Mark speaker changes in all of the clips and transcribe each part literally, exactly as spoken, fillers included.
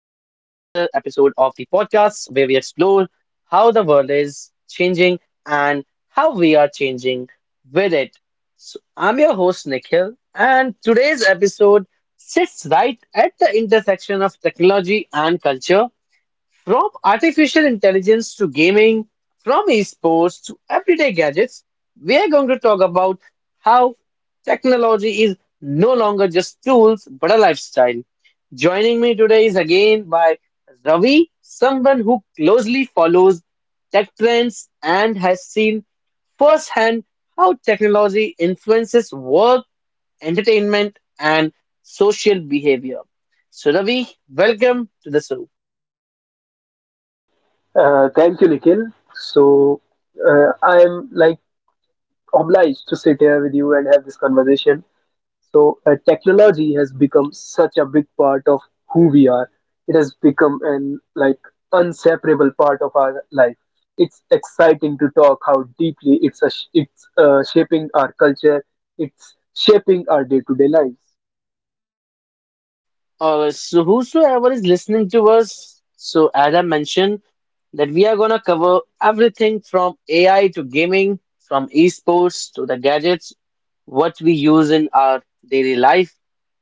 Speaker 1: episode of the podcast where we explore how the world is changing and how we are changing with it. So, I'm your host, Nikhil, and today's episode sits right at the intersection of technology and culture. From artificial intelligence to gaming, from esports to everyday gadgets, we are going to talk about how technology is no longer just tools but a lifestyle. Joining me today is again by Ravi, someone who closely follows tech trends and has seen firsthand how technology influences work, entertainment, and social behavior. So, Ravi, welcome to the show.
Speaker 2: Uh, thank you, Nikhil. So uh, I am like obliged to sit here with you and have this conversation. So uh, technology has become such a big part of who we are. It has become an like inseparable part of our life. It's exciting to talk how deeply it's a sh- it's uh, shaping our culture. It's shaping our day-to-day lives.
Speaker 1: Uh, so whosoever is listening to us, so as I mentioned, that we are gonna cover everything from A I to gaming, from esports to the gadgets what we use in our daily life.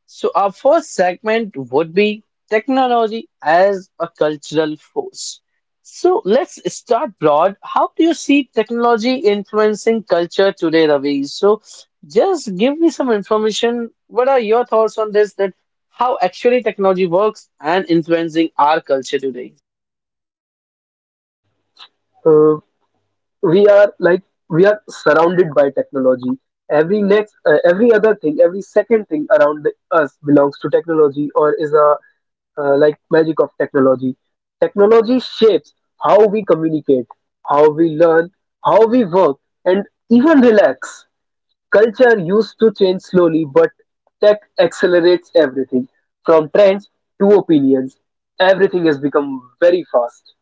Speaker 1: So, our first segment would be technology as a cultural force. So, let's start broad. How do you see technology influencing culture today, Ravi? So, just give me some information. What are your thoughts on this? That how actually technology works and influencing our culture today?
Speaker 2: Uh, we are like we are surrounded by technology every next uh, every other thing every second thing around us belongs to technology or is a uh, like magic of technology. Technology shapes how we communicate, how we learn, how we work, and even relax. Culture used to change slowly, but tech accelerates everything. From trends to opinions, everything has become very fast.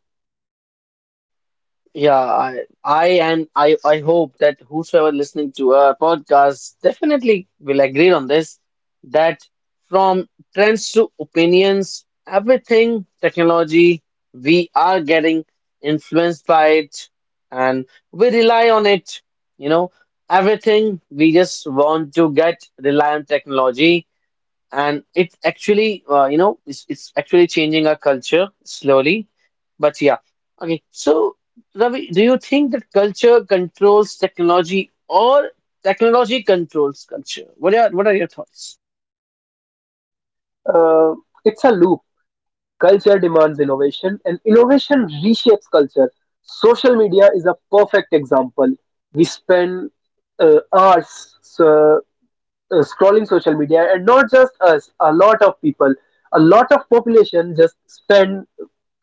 Speaker 1: Yeah, I, I and I, I hope that whosoever listening to our podcast definitely will agree on this, that from trends to opinions, everything technology, we are getting influenced by it and we rely on it. You know, everything we just want to get rely on technology, and it actually uh, you know, it's, it's actually changing our culture slowly, but yeah. Okay, so Ravi, do you think that culture controls technology or technology controls culture? What are what are your thoughts?
Speaker 2: uh, it's a loop. Culture demands innovation, and innovation reshapes culture. Social media is a perfect example. We spend uh, hours uh, uh, scrolling social media, and not just us, a lot of people, a lot of population just spend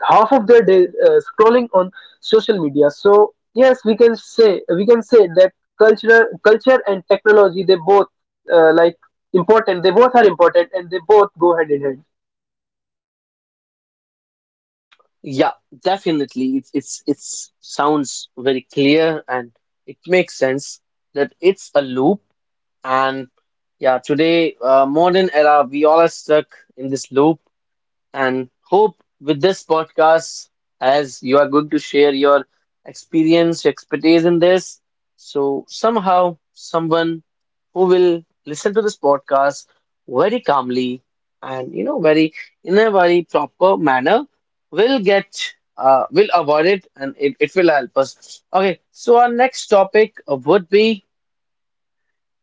Speaker 2: half of their day uh, scrolling on social media. So yes, we can say we can say that culture, culture and technology, they both uh, like important. They both are important, and they both go hand in hand.
Speaker 1: Yeah, definitely it's it's it's sounds very clear and it makes sense that it's a loop. And yeah, today, uh, modern era, we all are stuck in this loop, and hope with this podcast, as you are going to share your experience, your expertise in this, so somehow someone who will listen to this podcast very calmly and, you know, very in a very proper manner will get uh, will avoid it, and it, it will help us. Okay, so our next topic would be,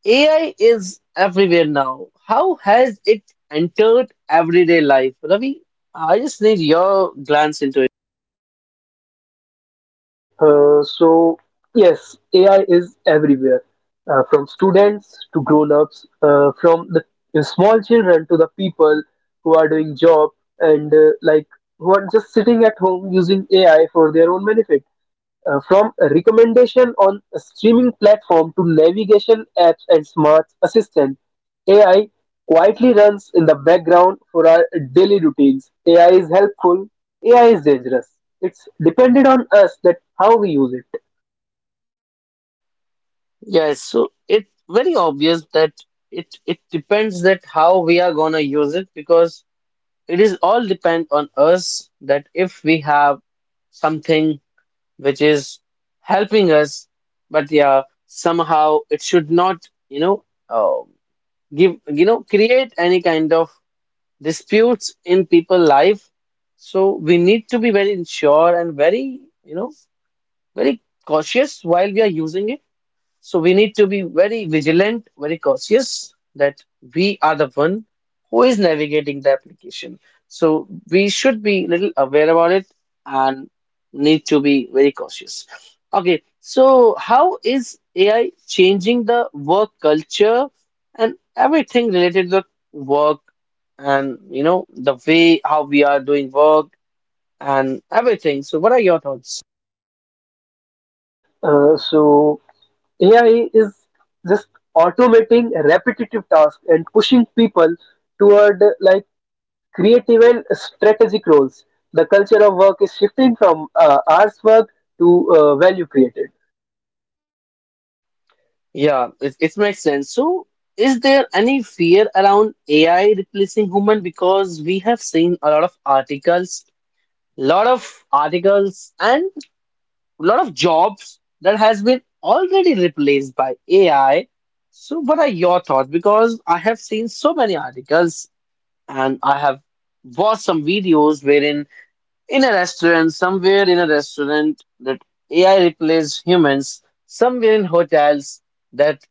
Speaker 1: A I is everywhere now. How has it entered everyday life? Ravi, I just need your glance into it.
Speaker 2: Uh, so yes, A I is everywhere, uh, from students to grown-ups, uh, from the the small children to the people who are doing job, and uh, like who are just sitting at home using A I for their own benefit. Uh, from recommendation on a streaming platform to navigation apps and smart assistant, A I quietly runs in the background for our daily routines. A I is helpful. A I is dangerous. It's dependent on us that how we use it.
Speaker 1: Yes, so it's very obvious that it it depends that how we are gonna use it, because it is all depend on us that if we have something which is helping us, but yeah, somehow it should not, you know, uh, give, you know, create any kind of disputes in people life. So we need to be very sure and very, you know, very cautious while we are using it. So we need to be very vigilant, very cautious that we are the one who is navigating the application. So we should be little aware about it and need to be very cautious. Okay, so how is A I changing the work culture and everything related to work and, you know, the way how we are doing work and everything? So what are your thoughts?
Speaker 2: Uh, so A I is just automating repetitive tasks and pushing people toward uh, like creative and strategic roles. The culture of work is shifting from uh, hours work to uh, value created.
Speaker 1: Yeah, it, it makes sense. So, is there any fear around A I replacing human? Because we have seen a lot of articles, lot of articles, and lot of jobs that has been already replaced by A I. So, what are your thoughts? Because I have seen so many articles and I have watched some videos wherein in a restaurant, somewhere in a restaurant, that A I replaces humans, somewhere in hotels, that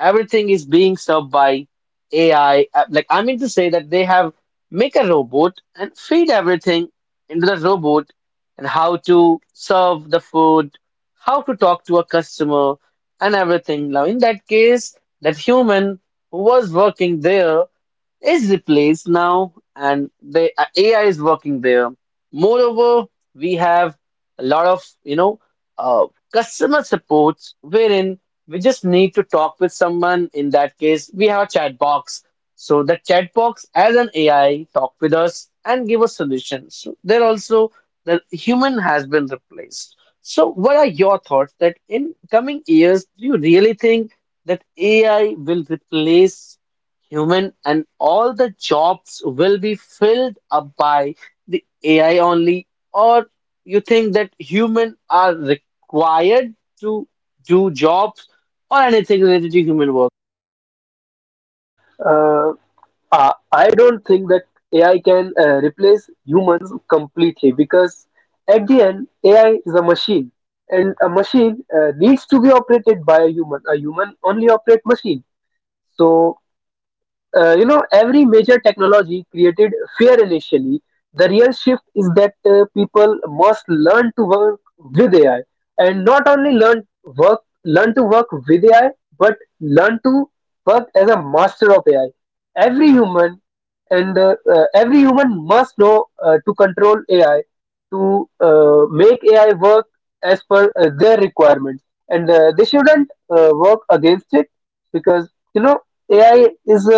Speaker 1: everything is being served by A I. Uh, Like I mean to say that they have make a robot and feed everything into the robot and how to serve the food, how to talk to a customer and everything. Now in that case, that human who was working there is replaced now, and the uh, A I is working there. Moreover, we have a lot of, you know, uh, customer supports wherein we just need to talk with someone. In that case, we have a chat box. So the chat box as an A I talk with us and give us solutions. So there also the human has been replaced. So what are your thoughts that in coming years, do you really think that A I will replace human and all the jobs will be filled up by the A I only, or you think that human are required to do jobs or anything related to human work?
Speaker 2: Uh, uh, I don't think that A I can uh, replace humans completely, because at the end, A I is a machine, and a machine uh, needs to be operated by a human. A human only operate machine. So uh, you know, every major technology created fear initially. The real shift is that uh, people must learn to work with ai, and not only learn work learn to work with ai, but learn to work as a master of ai. Every human, and uh, uh, every human must know uh, to control ai, to uh, make ai work as per uh, their requirements, and uh, they shouldn't uh, work against it. Because you know, A I is uh,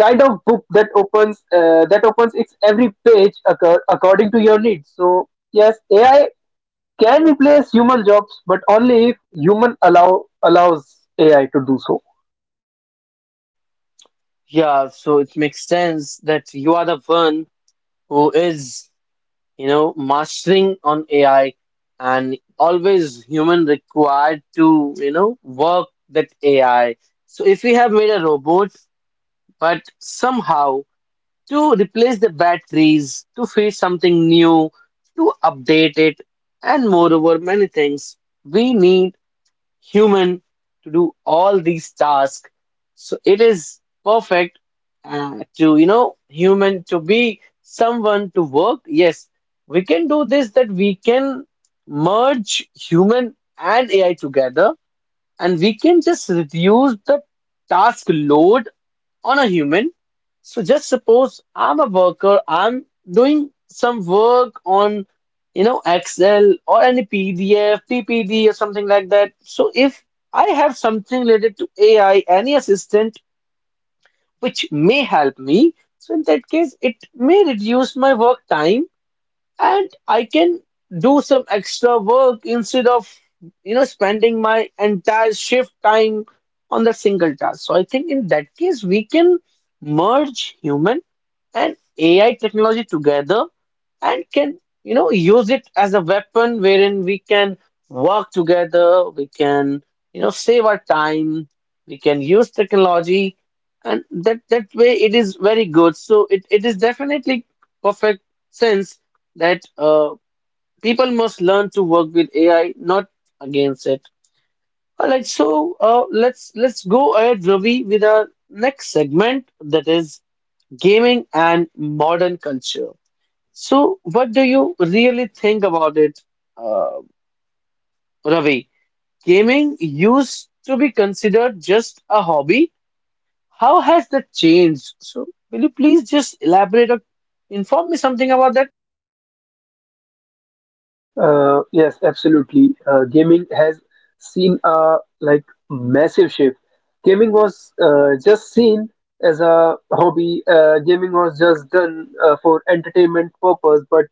Speaker 2: kind of book that opens uh, that opens its every page accor- according to your needs. So yes, ai can replace human jobs, but only if human allow allows ai to do so.
Speaker 1: Yeah, so it makes sense that you are the one who is, you know, mastering on A I, and always human required to, you know, work that A I. So if we have made a robot, but somehow to replace the batteries, to feed something new, to update it, and moreover, many things. We need human to do all these tasks. So it is perfect uh, to, you know, human to be someone to work. Yes, we can do this that we can merge human and A I together, and we can just reduce the task load on a human. So just suppose I'm a worker, I'm doing some work on, you know, Excel or any P D F, P P D or something like that. So if I have something related to A I, any assistant which may help me, so in that case, it may reduce my work time, and I can do some extra work instead of, you know, spending my entire shift time on that single task. So I think in that case we can merge human and A I technology together and can, you know, use it as a weapon wherein we can work together, we can, you know, save our time, we can use technology, and that that way it is very good. So it, it is definitely perfect sense that uh, people must learn to work with AI, not against it. All right, so uh, let's let's go ahead, Ravi, with our next segment, that is gaming and modern culture. So, what do you really think about it, uh, Ravi? Gaming used to be considered just a hobby. How has that changed? So, will you please just elaborate or inform me something about that?
Speaker 2: Uh, yes, absolutely, uh, gaming has seen a like massive shift. Gaming was uh, just seen as a hobby. Uh, gaming was just done uh, for entertainment purpose, but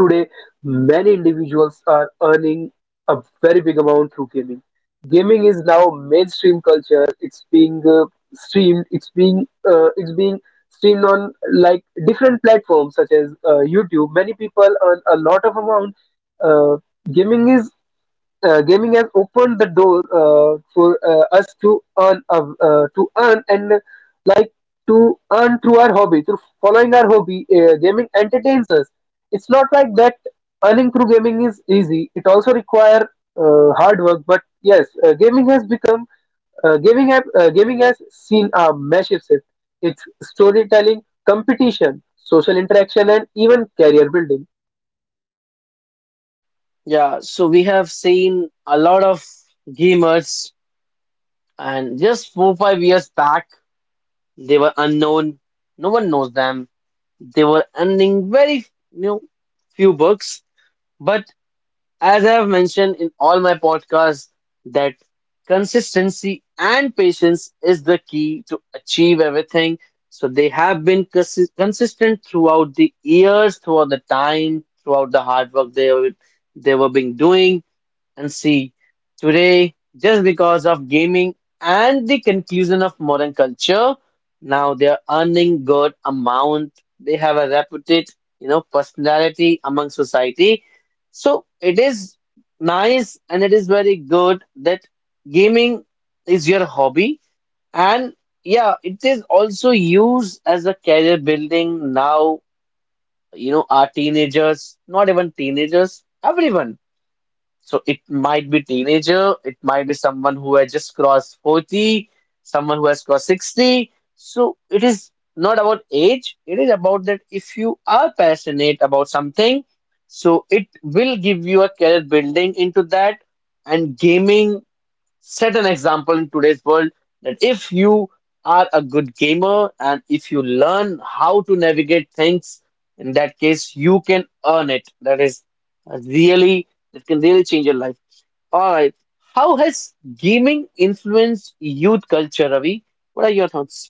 Speaker 2: today, many individuals are earning a very big amount through gaming. Gaming is now mainstream culture. It's being uh, streamed. It's being uh, it's being streamed on like different platforms such as uh, YouTube. Many people earn a lot of amount. Uh, gaming is uh, Gaming has opened the door uh, for uh, us to earn uh, uh, to earn, and uh, like to earn through our hobby, through following our hobby. Uh, gaming entertains us. It's not like that earning through gaming is easy. It also require uh, hard work. But yes, uh, gaming has become uh, gaming have, uh, gaming has seen a massive shift. It's storytelling, competition, social interaction, and even career building.
Speaker 1: Yeah, so we have seen a lot of gamers, and just four, five years back, they were unknown. No one knows them. They were earning very, you know, few bucks. But as I have mentioned in all my podcasts, that consistency and patience is the key to achieve everything. So they have been consi- consistent throughout the years, throughout the time, throughout the hard work they were, they were being doing and see today, just because of gaming and the conclusion of modern culture, now they're earning good amount, they have a reputed, you know, personality among society. So it is nice and it is very good that gaming is your hobby. And yeah, it is also used as a career building now. You know, our teenagers, not even teenagers, everyone. So it might be teenager, it might be someone who has just crossed forty, someone who has crossed sixty. So it is not about age, it is about that if you are passionate about something, so it will give you a career building into that. And gaming set an example in today's world that if you are a good gamer and if you learn how to navigate things, in that case, you can earn it. That is a really, that can really change your life. All right. How has gaming influenced youth culture, Ravi? What are your thoughts?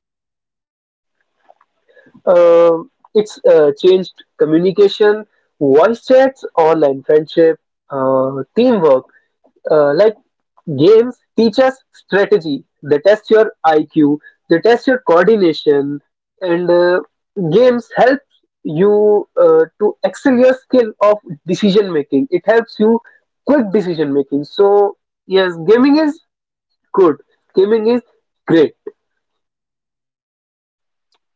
Speaker 2: Um, it's uh, changed communication, voice chats, online friendship, uh, teamwork. Uh, like Games teach us strategy. They test your I Q. They test your coordination, and uh, games help you uh, to excel your skill of decision making. It helps you quick decision making. So yes, gaming is good. Gaming is great.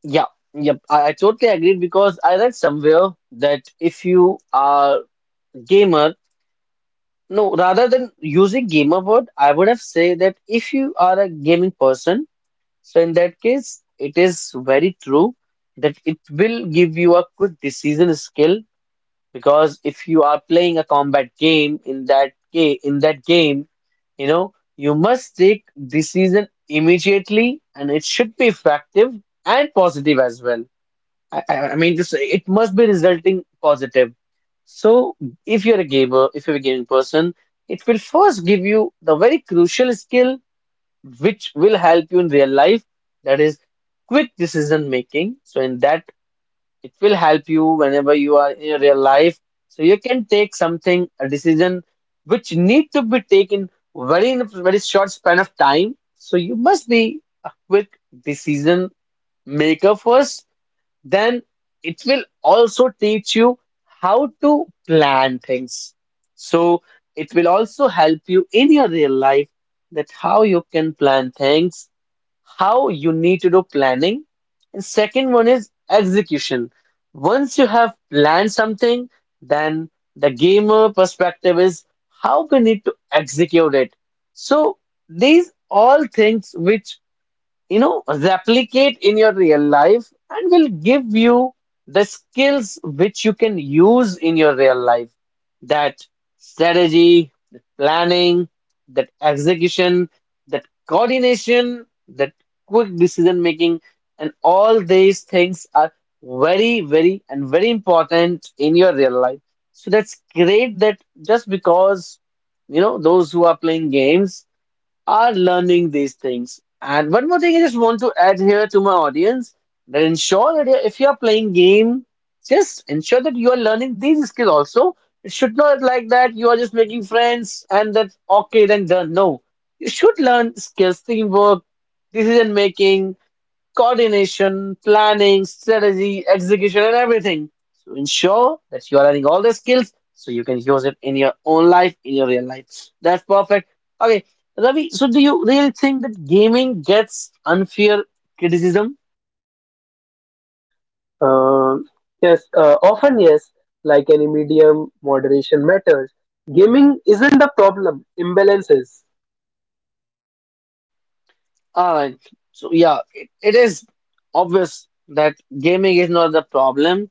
Speaker 1: Yeah, yep. I, I totally agreed because I read somewhere that if you are gamer, no, rather than using gamer word, I would have say that if you are a gaming person. So in that case, it is very true that it will give you a quick decision skill, because if you are playing a combat game, in that ga- in that game, you know, you must take decision immediately and it should be effective and positive as well. I, I I mean, this, it must be resulting positive. So if you're a gamer, if you're a gaming person, it will first give you the very crucial skill which will help you in real life. That is quick decision making. So in that, it will help you whenever you are in your real life. So you can take something, a decision which need to be taken very in a very short span of time. So you must be a quick decision maker first. Then it will also teach you how to plan things. So it will also help you in your real life, that how you can plan things, how you need to do planning. And second one is execution. Once you have planned something, then the gamer perspective is how we need to execute it. So these all things which, you know, replicate in your real life and will give you the skills which you can use in your real life. That strategy, that planning, that execution, that coordination, that quick decision making, and all these things are very, very, and very important in your real life. So that's great that just because, you know, those who are playing games are learning these things. And one more thing I just want to add here to my audience that ensure that if you are playing game, just ensure that you are learning these skills also. It should not like that you are just making friends and that's okay then done. No, you should learn skills, teamwork, decision making coordination, planning, strategy, execution, and everything. So ensure that you are learning all the skills so you can use it in your own life, in your real life. That's perfect. Okay, Ravi, so do you really think that gaming gets unfair criticism?
Speaker 2: Uh, yes, uh, Often yes, like any medium, moderation matters. Gaming isn't the problem, imbalance is.
Speaker 1: All right. So yeah, it, it is obvious that gaming is not the problem.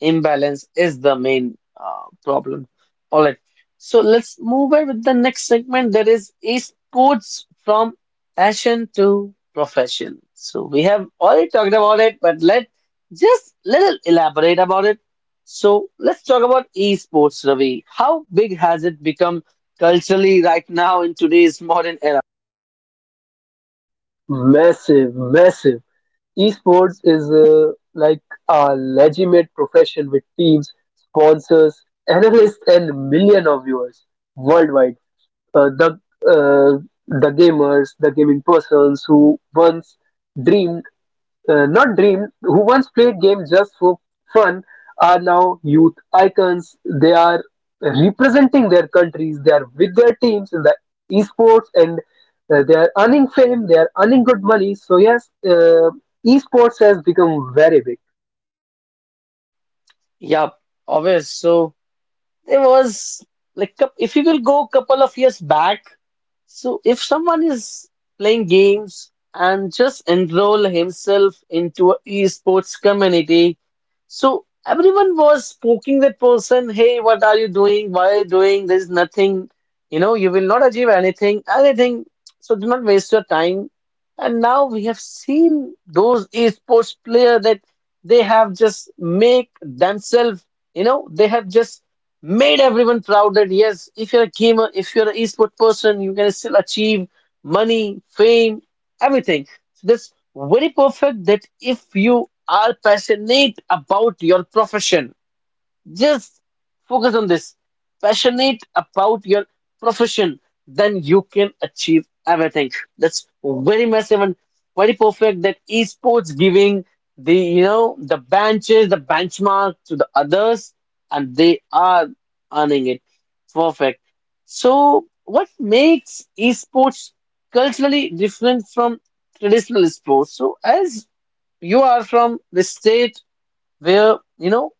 Speaker 1: Imbalance is the main uh, problem. All right. So let's move on with the next segment. That is esports from passion to profession. So we have already talked about it, but let just little elaborate about it. So let's talk about esports, Ravi. How big has it become culturally right now in today's modern era?
Speaker 2: Massive, massive. Esports is uh, like a legitimate profession with teams, sponsors, analysts, and million of viewers worldwide. Uh, the uh, the gamers, the gaming persons who once dreamed uh, not dreamed, who once played games just for fun, are now youth icons. They are representing their countries, they are with their teams in the esports, and uh, they are earning fame, they are earning good money. So yes, uh, esports has become very big.
Speaker 1: Yeah, obvious. So. There was like coup- if you will go couple of years back, so if someone is playing games and just enroll himself into a esports community, so everyone was poking that person, hey, what are you doing? Why are you doing? There's nothing, you know, you will not achieve anything, anything. So do not waste your time. And now we have seen those esports player that they have just make themselves, you know, they have just made everyone proud that yes, if you're a gamer, if you're an esport person, you can still achieve money, fame, everything. So that's very perfect that if you are passionate about your profession, just focus on this. Passionate about your profession, then you can achieve everything. That's very massive and very perfect that esports giving the you know the benches, the benchmark to the others, and they are earning it. Perfect. So what makes esports culturally different from traditional sports? So as you are from the state where you know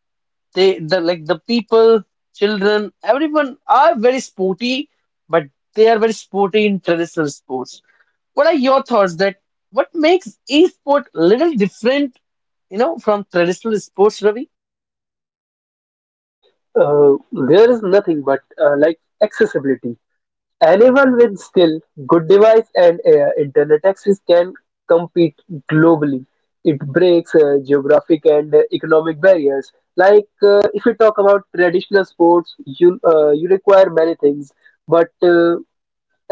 Speaker 1: they the like the people, children, everyone are very sporty, but they are very sporty in traditional sports. What are your thoughts that what makes e-sport little different, you know, from traditional sports, Ravi?
Speaker 2: Uh, there is nothing but uh, like accessibility. Anyone with skill, good device, and uh, internet access can compete globally. It breaks uh, geographic and uh, economic barriers. Like uh, if you talk about traditional sports, you uh, you require many things. But uh,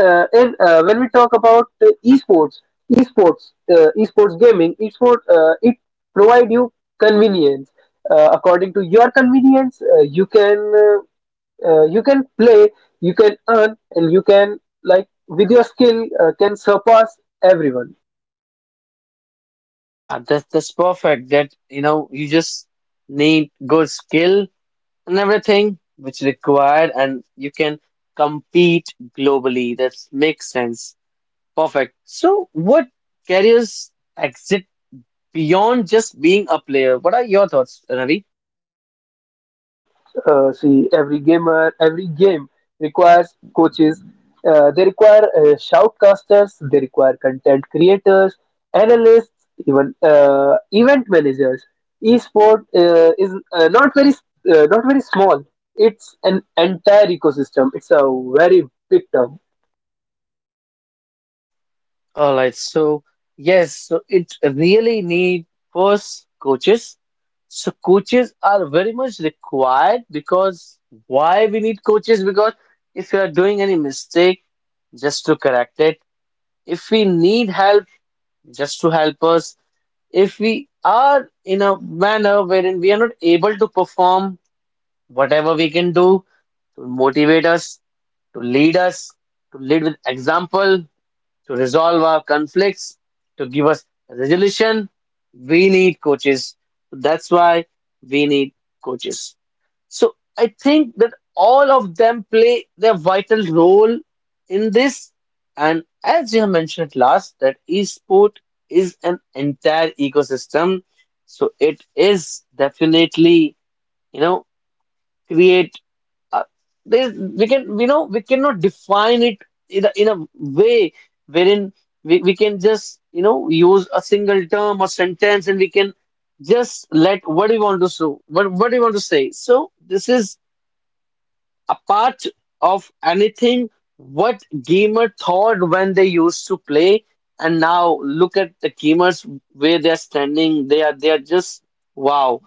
Speaker 2: uh, in, uh, when we talk about uh, esports, esports, uh, esports gaming, esports, uh, it provide you convenience. Uh, according to your convenience, uh, you can uh, uh, you can play, you can earn, and you can like with your skill uh, can surpass everyone.
Speaker 1: Yeah, that's that's perfect. That you know, you just need good skill and everything which required, and you can compete globally. That makes sense. Perfect. So, what careers exit? Beyond just being a player. What are your thoughts, Ravi?
Speaker 2: Uh, see, every gamer, every game requires coaches. Uh, they require uh, shoutcasters, they require content creators, analysts, even uh, event managers. Esport uh, is uh, not very uh, not very small. It's an entire ecosystem. It's a very big term.
Speaker 1: All right, so yes, so it really need first coaches. So coaches are very much required because why we need coaches? Because if you are doing any mistake, just to correct it. If we need help, just to help us. If we are in a manner wherein we are not able to perform whatever we can do, to motivate us to lead us, to lead with example, to resolve our conflicts, to give us resolution. We need coaches. That's why we need coaches. So I think that all of them play their vital role in this. And as you have mentioned at last, that esport is an entire ecosystem. So it is definitely, you know, create uh, there's we can we know we cannot define it in a, in a way wherein we, we can just you know use a single term or sentence and we can just let what do you want to show what what do you want to say so this is a part of anything what gamer thought when they used to play and now look at the gamers where they are standing they are they are just wow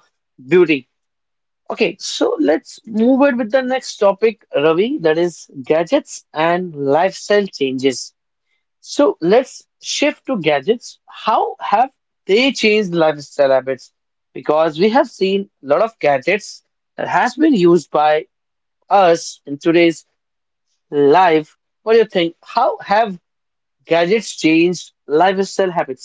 Speaker 1: beauty. Okay, so let's move on with the next topic, Ravi, that is gadgets and lifestyle changes. So let's shift to gadgets. How have they changed lifestyle habits? Because we have seen a lot of gadgets that has been used by us in today's life. What do you think? How have gadgets changed lifestyle habits?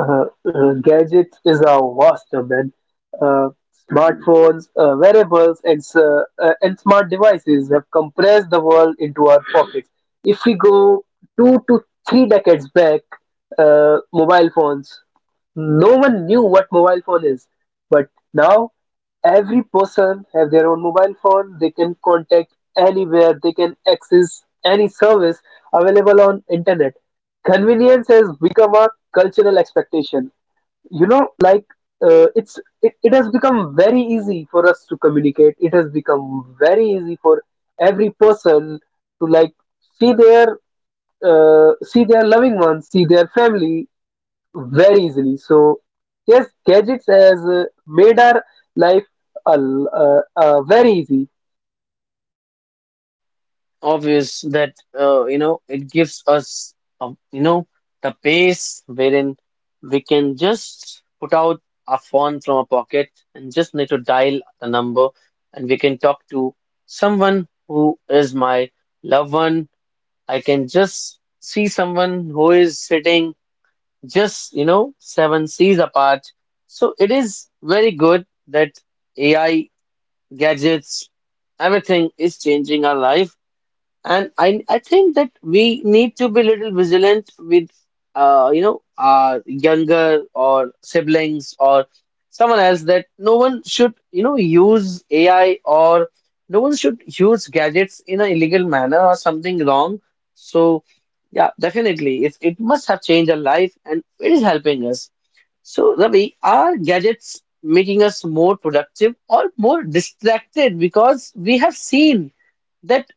Speaker 2: uh, uh, Gadgets is a vast domain. Uh, Smartphones, uh, wearables, and, s- uh, uh, and smart devices have compressed the world into our pockets. If we go two to three decades back, uh, mobile phones, no one knew what mobile phone is. But now, every person have their own mobile phone. They can contact anywhere. They can access any service available on internet. Convenience has become a cultural expectation. You know, like uh, it's it, it has become very easy for us to communicate. It has become very easy for every person to like see their uh, see their loving ones, see their family very easily. So yes, gadgets has uh, made our life a, l- uh, uh, very easy.
Speaker 1: Obvious that uh, you know it gives us uh, you know the pace wherein we can just put out our phone from our pocket and just need to dial the number and we can talk to someone who is my loved one. I can just see someone who is sitting just you know seven seas apart. So it is very good that A I gadgets everything is changing our life and I, I think that we need to be a little vigilant with, uh, you know, our younger or siblings or someone else that no one should, you know, use A I or no one should use gadgets in an illegal manner or something wrong. So, yeah, definitely, it, it must have changed our life and it is helping us. So, Ravi, are gadgets making us more productive or more distracted? Because we have seen that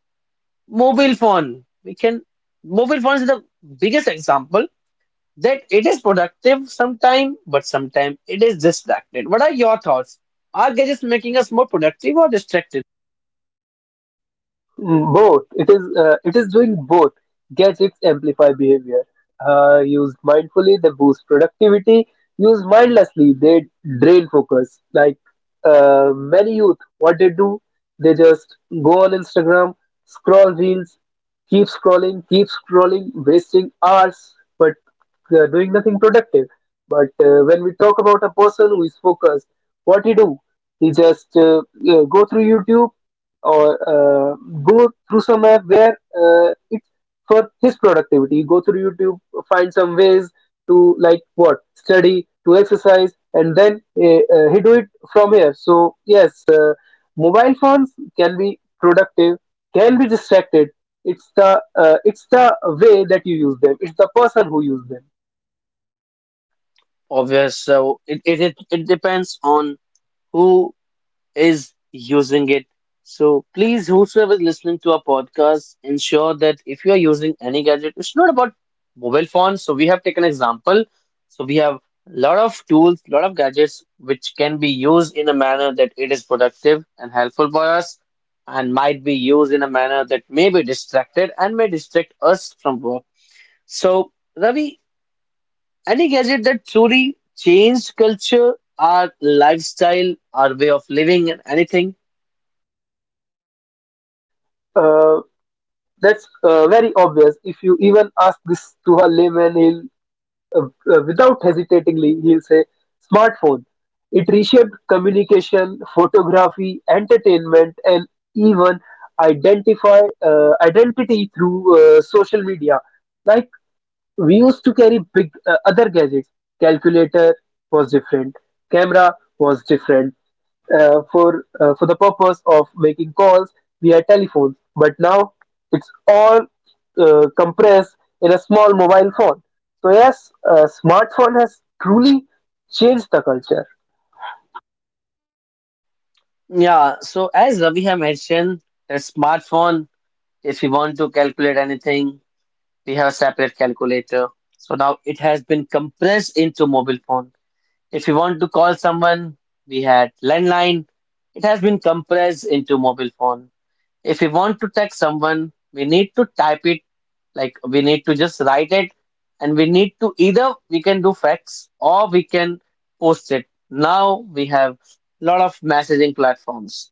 Speaker 1: mobile phone we can mobile phone is the biggest example that it is productive sometime but sometime it is distracted. What are your thoughts, are gadgets making us more productive or distracted?
Speaker 2: Mm. Both. It is uh, it is doing both. Gadgets amplify behavior. Uh, used mindfully, they boost productivity. Used mindlessly, they drain focus. Like uh, many youth, what they do, they just go on Instagram, scroll reels, keep scrolling, keep scrolling, wasting hours, but uh, doing nothing productive. But uh, when we talk about a person who is focused, what he do? He just uh, uh, go through YouTube or uh, go through some app where uh, it's for his productivity. Go through YouTube, find some ways to like what study, to exercise, and then uh, uh, he do it from here. So yes, uh, mobile phones can be productive, can be distracted. It's the uh, it's the way that you use them. It's the person who use them.
Speaker 1: Obvious, so it, it, it, it depends on who is using it. So please, whosoever is listening to our podcast, ensure that if you are using any gadget, it's not about mobile phones. So we have taken example. So we have lot of tools, lot of gadgets which can be used in a manner that it is productive and helpful for us, and might be used in a manner that may be distracted and may distract us from work. So Ravi, any gadget that truly changed culture, our lifestyle, our way of living, and anything.
Speaker 2: Uh, that's uh, very obvious. If you even ask this to a layman, he'll. Uh, uh, without hesitatingly, he'll say smartphone. It reshaped communication, photography, entertainment, and even identify uh, identity through uh, social media. Like we used to carry big uh, other gadgets. Calculator was different, camera was different, uh, for uh, for the purpose of making calls we had telephones. But now it's all uh, compressed in a small mobile phone. So yes, uh, smartphone has truly changed the culture.
Speaker 1: Yeah, so as Ravi had mentioned, the smartphone, if you want to calculate anything, we have a separate calculator. So now it has been compressed into mobile phone. If you want to call someone, we had landline. It has been compressed into mobile phone. If you want to text someone, we need to type it, like we need to just write it, and we need to either we can do fax or we can post it. Now we have lot of messaging platforms.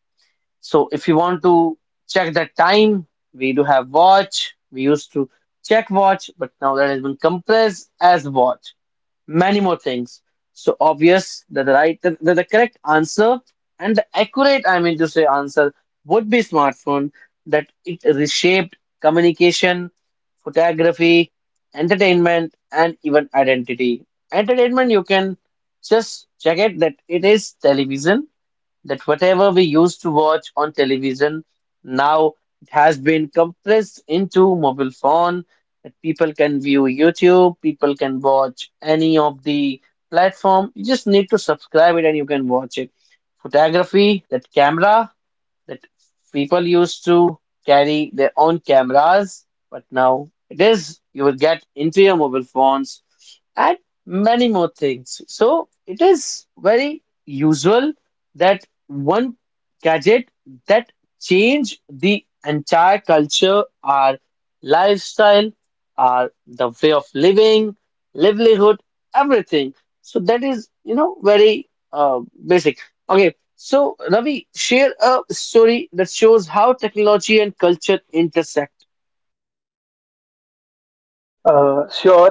Speaker 1: So if you want to check the time, we do have watch. We used to check watch, but now that has been compressed as watch. Many more things. So obvious that the right, that the, the correct answer and the accurate, I mean to say, answer would be smartphone. That it reshaped communication, photography, entertainment, and even identity. Entertainment, you can just check it that it is television that whatever we used to watch on television now it has been compressed into mobile phone, that people can view youtube, people can watch any of the platform, you just need to subscribe it and you can watch it. Photography, that camera, that people used to carry their own cameras, but now it is you will get into your mobile phones and many more things. So it is very usual that one gadget that change the entire culture, our lifestyle, our the way of living, livelihood, everything. So that is you know very uh, basic. Okay, so, Ravi, share a story that shows how technology and culture intersect.
Speaker 2: uh, Sure.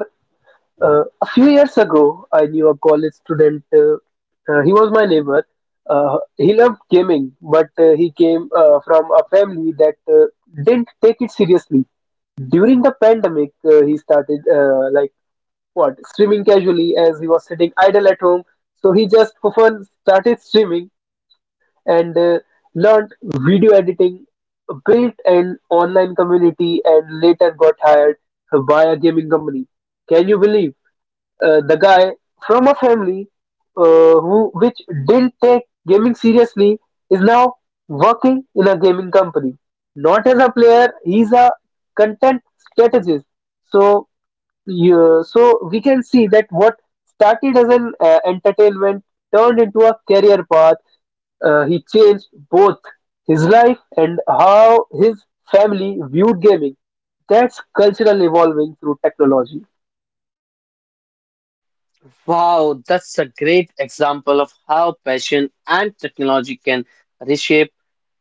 Speaker 2: Uh, a few years ago, I knew a college student. Uh, uh, he was my neighbor. Uh, he loved gaming, but uh, he came uh, from a family that uh, didn't take it seriously. During the pandemic, uh, he started uh, like what streaming casually, as he was sitting idle at home. So he just for fun started streaming, and uh, learned video editing, built an online community, and later got hired by a gaming company. Can you believe? Uh, the guy from a family uh, who which didn't take gaming seriously is now working in a gaming company, not as a player. He's a content strategist. So you, so we can see that what started as an uh, entertainment turned into a career path. Uh, he changed both his life and how his family viewed gaming. That's cultural evolving through technology.
Speaker 1: Wow, that's a great example of how passion and technology can reshape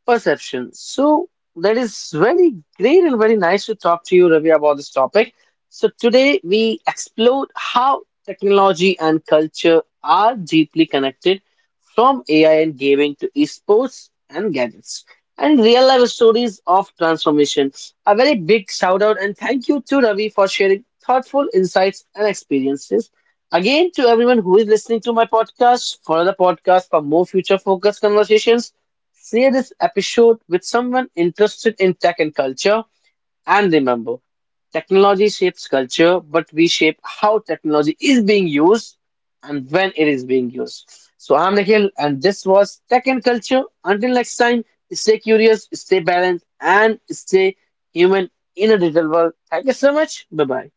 Speaker 1: perception. So that is very great and very nice to talk to you, Ravi, about this topic. So today we explored how technology and culture are deeply connected from A I and gaming to esports and gadgets and real life stories of transformation. A very big shout out and thank you to Ravi for sharing thoughtful insights and experiences. Again, to everyone who is listening to my podcast, follow the podcast for more future focused conversations. Share this episode with someone interested in tech and culture. And remember, technology shapes culture, but we shape how technology is being used and when it is being used. So I'm Nikhil, and this was Tech and Culture. Until next time, stay curious, stay balanced, and stay human in a digital world. Thank you so much. Bye bye.